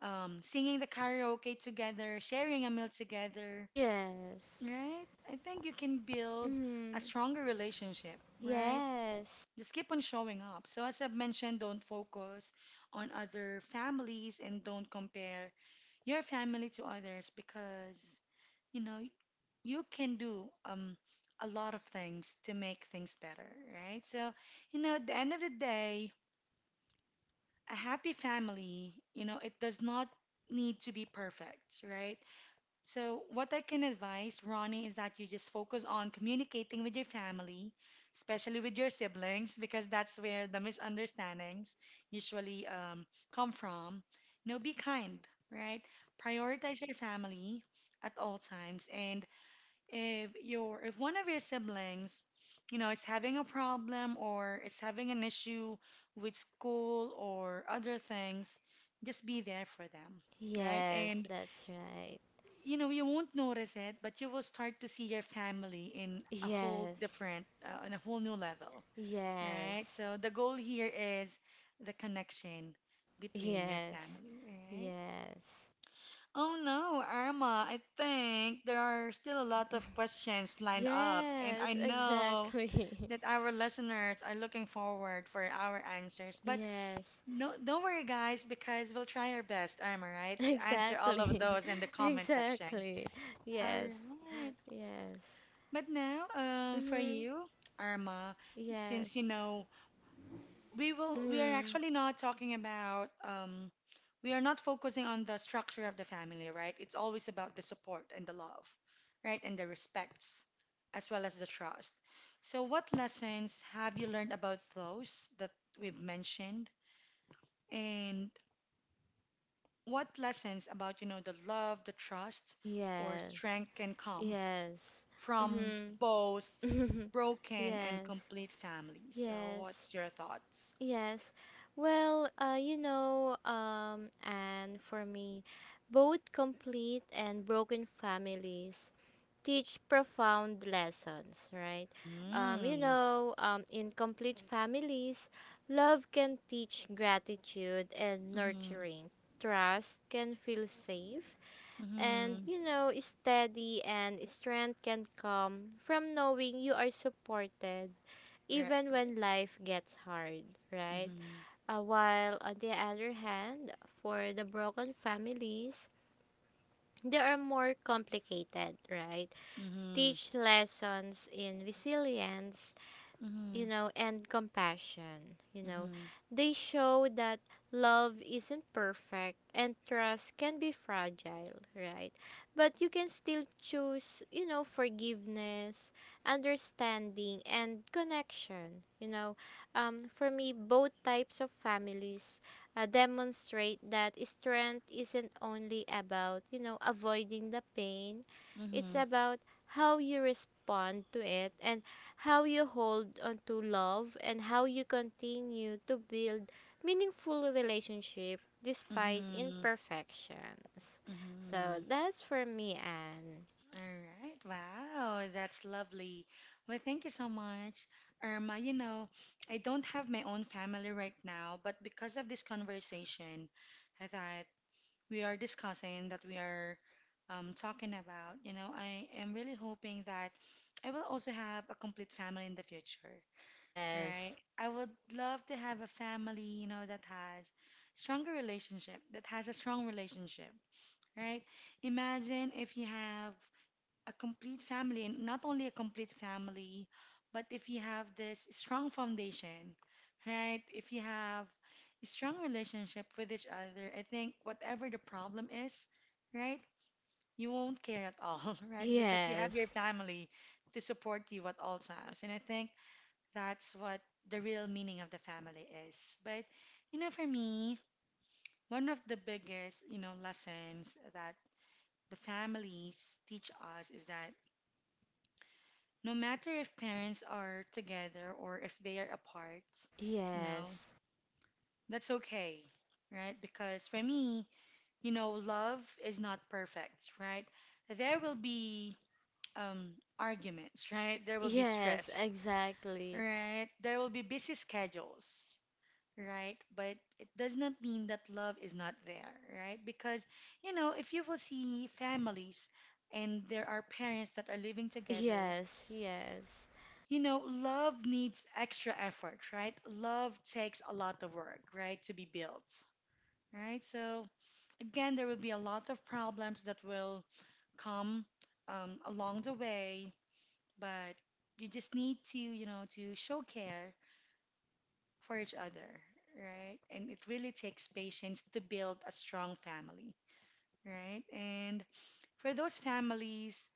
S1: singing the karaoke together, sharing a meal together,
S2: Yes.
S1: right? I think you can build a
S2: Mm,
S1: stronger relationship, right?
S2: yes.
S1: Just keep on showing up. So as I've mentioned, don't focus on other families and don't compare your family to others because you know you can do a lot of things to make things better, right? So, at the end of the day, a happy family, it does not need to be perfect, right? So, what I can advise, Ronnie, is that you just focus on communicating with your family, especially with your siblings, because that's where the misunderstandings usually come from. Be kind, right? Prioritize your family at all times, and if one of your siblings, is having a problem or is having an issue with school or other things, just be there for them, right?
S2: Yes,
S1: And
S2: that's right.
S1: you won't notice it, but you will start to see your family in a
S2: Yes,
S1: in a whole new level, right?
S2: yes,
S1: So the goal here is the connection between your
S2: yes,
S1: family, right?
S2: yes.
S1: Oh no, Irma, I think there are still a lot of questions lined up, and I
S2: Yes,
S1: know
S2: exactly.
S1: that our listeners are looking forward for our answers. But
S2: Yes,
S1: no, don't worry, guys, because we'll try our best, Irma, right, to answer all of
S2: exactly.
S1: those in the comment section.
S2: Exactly.
S1: All
S2: Yes,
S1: right.
S2: yes.
S1: But now, for
S2: Mm-hmm.
S1: you, Arma,
S2: Yes.
S1: since we are
S2: Mm.
S1: actually not talking about, we are not focusing on the structure of the family, right? It's always about the support and the love, right? And the respects, as well as the trust. So, what lessons have you learned about those that we've mentioned? And what lessons about, the love, the trust, or
S2: Yes.
S1: strength can come
S2: Yes.
S1: from
S2: Mm-hmm.
S1: both broken and
S2: Yes.
S1: complete families. So,
S2: Yes.
S1: what's your thoughts?
S2: Yes. Well, and for me, both complete and broken families teach profound lessons, right?
S1: Mm.
S2: In complete families, love can teach gratitude and
S1: Mm-hmm.
S2: nurturing. Trust can feel safe, and,
S1: Mm-hmm.
S2: you know, steady, and strength can come from knowing you are supported
S1: Right,
S2: even
S1: right.
S2: when life gets hard, right?
S1: Mm-hmm.
S2: While on the other hand, for the broken families, they are more complicated, right?
S1: Mm-hmm.
S2: Teach lessons in resilience, you
S1: Mm-hmm.
S2: know, and compassion. You know,
S1: Mm-hmm.
S2: they show that love isn't perfect and trust can be fragile, right? But you can still choose, you know, forgiveness, understanding, and connection. You know, for me, both types of families demonstrate that strength isn't only about, you know, avoiding the pain, it's
S1: Mm-hmm.
S2: about how you respond to it, and how you hold on to love, and how you continue to build meaningful relationship despite
S1: Mm-hmm.
S2: imperfections. So
S1: Mm-hmm.
S2: that's for me, Anne.
S1: All right. Wow, that's lovely. Well, thank you so much, Irma. I don't have my own family right now, but because of this conversation that we are discussing, that we are talking about, I am really hoping that I will also have a complete family in the future, right?
S2: Yes,
S1: I would love to have a family, that has stronger relationship, that has a strong relationship, right? Imagine if you have a complete family, and not only a complete family, but if you have this strong foundation, right? If you have a strong relationship with each other, I think whatever the problem is, right, you won't care at all, right? Because you have your
S2: yes,
S1: family to support you at all times. And I think that's what the real meaning of the family is. But, for me, one of the biggest, lessons that the families teach us is that no matter if parents are together or if they are apart, you know,
S2: yes,
S1: that's okay, right? Because for me, love is not perfect, right? There will be um, arguments, right? There will be
S2: yes,
S1: stress,
S2: exactly.
S1: right? There will be busy schedules, right? But it does not mean that love is not there, right? Because, if you will see families and there are parents that are living together,
S2: Yes, yes,
S1: love needs extra effort, right? Love takes a lot of work, right, to be built, right? So, again, there will be a lot of problems that will come along the way, but you just need to, to show care for each other, right? And it really takes patience to build a strong family, right? And for those families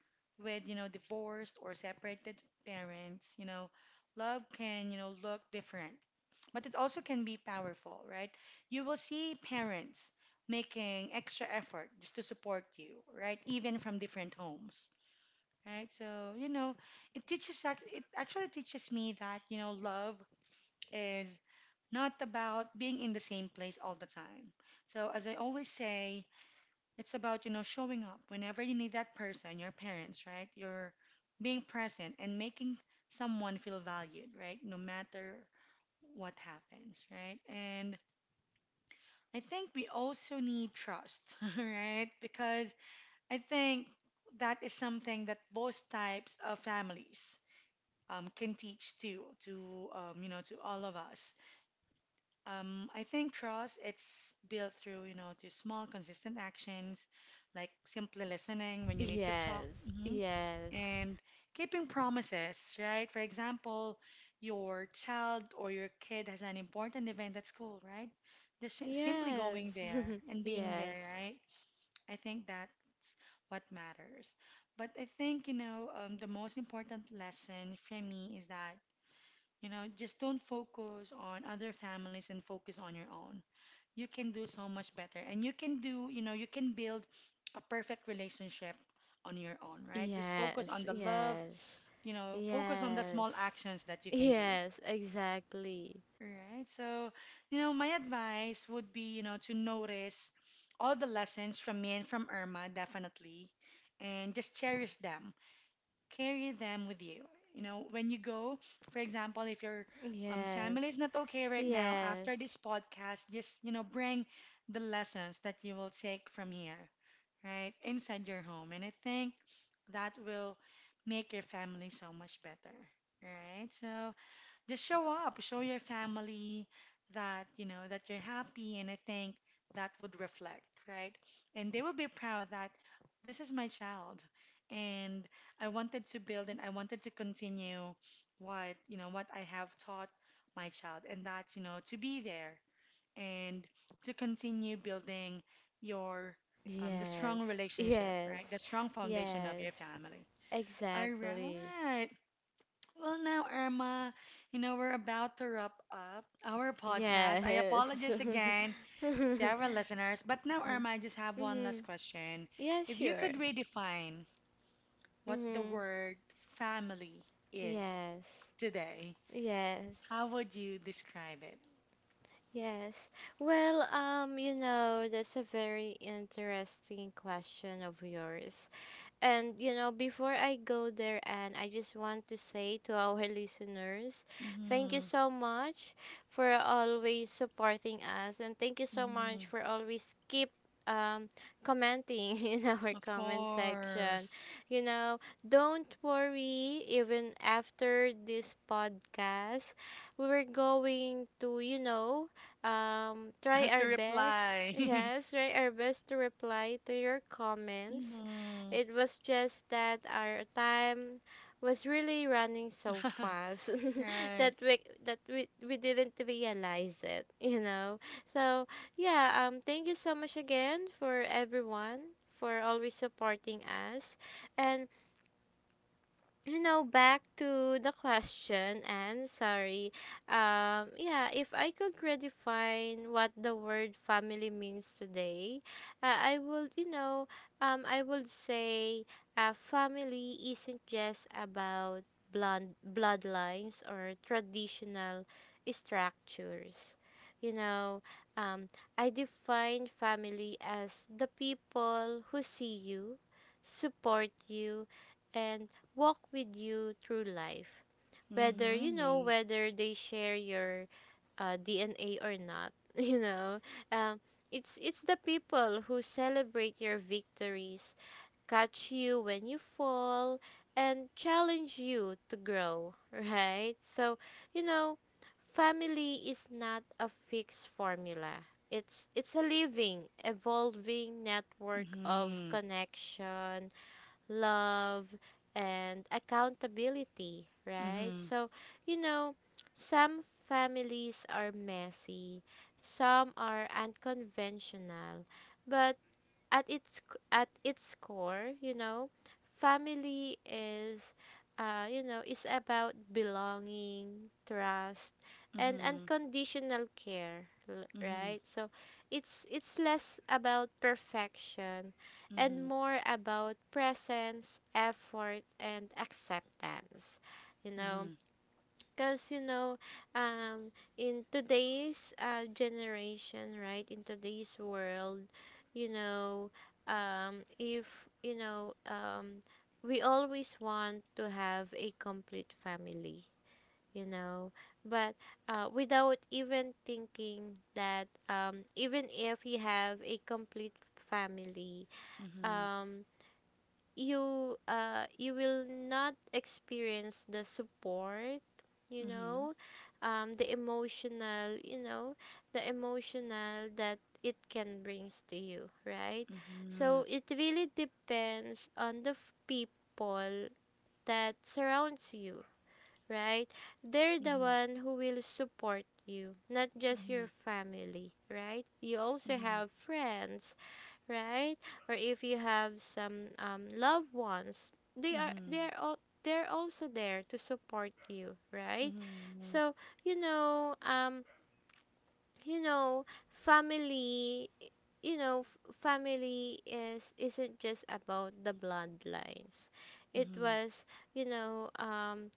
S1: with, divorced or separated parents, love can, look different, but it also can be powerful, right? You will see parents making extra effort just to support you, right? Even from different homes, right? So, you know, it actually teaches me that, love is not about being in the same place all the time. So, as I always say, it's about, showing up whenever you need that person, your parents, right? You're being present and making someone feel valued, right? No matter what happens, right? And I think we also need trust, right? Because I think that is something that both types of families can teach too, to all of us. I think trust it's built through, to small consistent actions like simply listening when you need to talk
S2: yes,
S1: mhm,
S2: yes,
S1: and keeping promises, right? For example, your child or your kid has an important event at school, right? Just simply going
S2: yes,
S1: there and being
S2: yes,
S1: there, right? I think that's what matters. But I think, the most important lesson for me is that, just don't focus on other families and focus on your own. You can do so much better and you can do you know you can build a perfect relationship on your own, right? Just focus on
S2: yes,
S1: the love
S2: yes.
S1: you know focus on the
S2: Yes.
S1: small actions that you can do,
S2: Yes, exactly.
S1: right? So my advice would be, to notice all the lessons from me and from Irma, definitely, and just cherish them, carry them with you. When you go, for example, if your family
S2: Yes.
S1: is not okay right now, after this
S2: Yes.
S1: podcast, just, bring the lessons that you will take from here, right, inside your home. And I think that will make your family so much better, right? So, just show up, show your family that you're happy, and I think that would reflect, right? And they will be proud that this is my child, and I wanted to build and I wanted to continue what I have taught my child, and that's, to be there and to continue building your the
S2: Yes.
S1: strong relationship,
S2: Yes.
S1: right? The strong foundation of
S2: Yes.
S1: your family. All
S2: Exactly.
S1: right. Well, now, Irma, we're about to wrap up our podcast. I
S2: Yes.
S1: apologize again to
S2: Mm-hmm.
S1: our listeners, but now, Irma, I just have one last question.
S2: Yeah,
S1: If you
S2: sure.
S1: could redefine what the
S2: Mm-hmm.
S1: word family is
S2: Yes.
S1: today,
S2: Yes.
S1: how would you describe it?
S2: Yes. Well, you know, that's a very interesting question of yours. And you know, before I go there, and I just want to say to our listeners, thank you
S1: Mm-hmm,
S2: so much for always supporting us, and thank you so
S1: mm-hmm,
S2: much for always keep um commenting in our
S1: of
S2: comment section.
S1: course.
S2: You know, don't worry, even after this podcast, we're going to, you know, try
S1: To
S2: our best.
S1: reply.
S2: Yes, try our best to reply to your comments.
S1: Mm-hmm.
S2: It was just that our time was really running so fast that
S1: Right.
S2: we that we didn't realize it, you know. So yeah, thank you so much again for everyone for always supporting us. And you know, back to the question, and sorry, yeah, if I could redefine what the word family means today, I would, you know, I would say family isn't just about blood bloodlines or traditional structures, you know. um I define family as the people who see you, support you, and walk with you through life. Whether, you know,
S1: Mm-hmm.
S2: whether they share your DNA or not, you know. Um, it's the people who celebrate your victories, catch you when you fall, and challenge you to grow, right? So, you know, family is not a fixed formula. It's a living, evolving network of
S1: Mm-hmm.
S2: connection, love, and accountability, right?
S1: Mm-hmm.
S2: So, you know, some families are messy, some are unconventional, but at its core, you know, family is, you know, is about belonging, trust, and
S1: Mm-hmm.
S2: unconditional care,
S1: Mm-hmm.
S2: right? So it's less about perfection and
S1: Mhm.
S2: more about presence, effort, and acceptance. You know,
S1: Mhm.
S2: because, you know, um, in today's generation, right, in today's world, you know, if, you know, we always want to have a complete family, you know, but without even thinking that, even if you have a complete family,
S1: Mhm.
S2: um, you, you will not experience the support, you
S1: Mhm.
S2: know, the emotional, you know, the emotional that it can brings to you, right? So
S1: Mhm.
S2: it really depends on the people that surrounds you, right? They're the
S1: Mhm.
S2: one who will support you, not just your
S1: Mhm.
S2: family, right? You also
S1: Mhm.
S2: have friends, right? Or if you have some, loved ones, they
S1: Mhm.
S2: are all they're also there to support you, right?
S1: Mhm.
S2: So, you know, you know family, you know, family is isn't just about the bloodlines. It
S1: Mhm.
S2: was, you know,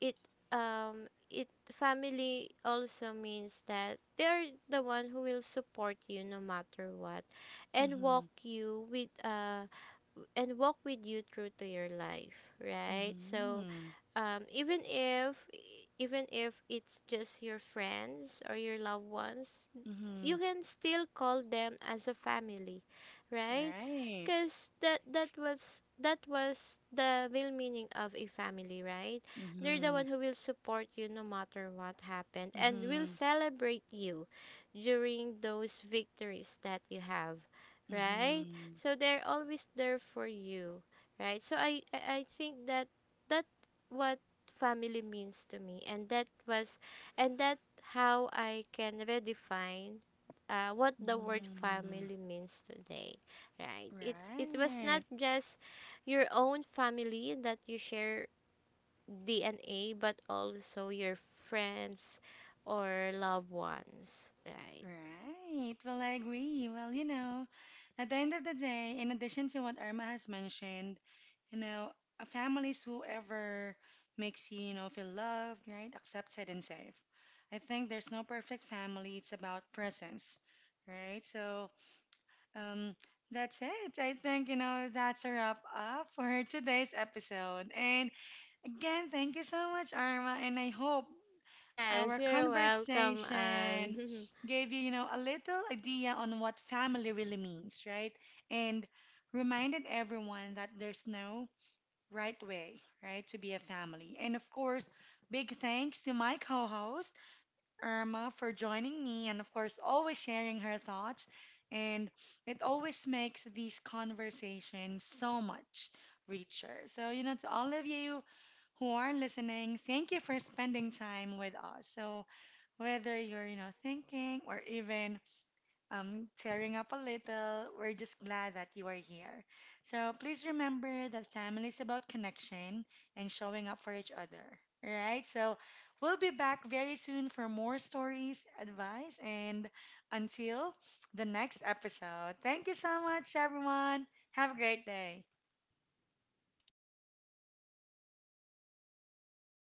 S2: it, it, family also means that they're the one who will support you no matter what, and walk
S1: Mhm.
S2: you with, and walk with you through to your life, right? So,
S1: Mhm.
S2: even if, even if it's just your friends or your loved ones, you
S1: Mhm.
S2: can still call them as a family, right?
S1: Right.
S2: Because that that was the real meaning of a family, right? They're the
S1: Mhm.
S2: one who will support you no matter what happened, and will
S1: Mhm.
S2: celebrate you during those victories that you have, right?
S1: Mhm.
S2: So they're always there for you, right? So I think that, that what family means to me, and that was, and that how I can redefine what the word
S1: Mhm.
S2: family means today, right? It was not
S1: Right.
S2: just your own family that you share DNA, but also your friends or loved ones, right?
S1: Right. Well, I agree. Well, at the end of the day, in addition to what Irma has mentioned, You know, a family is whoever makes you, feel loved, right, accepted, and safe. I think there's no perfect family. It's about presence, right? So, um, that's it. I think, that's a wrap up for today's episode. And again, thank you so much, Arma. And I hope
S2: Yes,
S1: our
S2: you're welcome,
S1: conversation
S2: Anne.
S1: gave you, a little idea on what family really means, right? And reminded everyone that there's no right way, right, to be a family. And of course, big thanks to my co host, Irma, for joining me and, of course, always sharing her thoughts. And it always makes these conversations so much richer. So, to all of you who are listening, thank you for spending time with us. So, whether you're, thinking or even tearing up a little. We're just glad that you are here. So please remember that family is about connection and showing up for each other. All right. So we'll be back very soon for more stories, advice, and until the next episode. Thank you so much, everyone. Have a great day.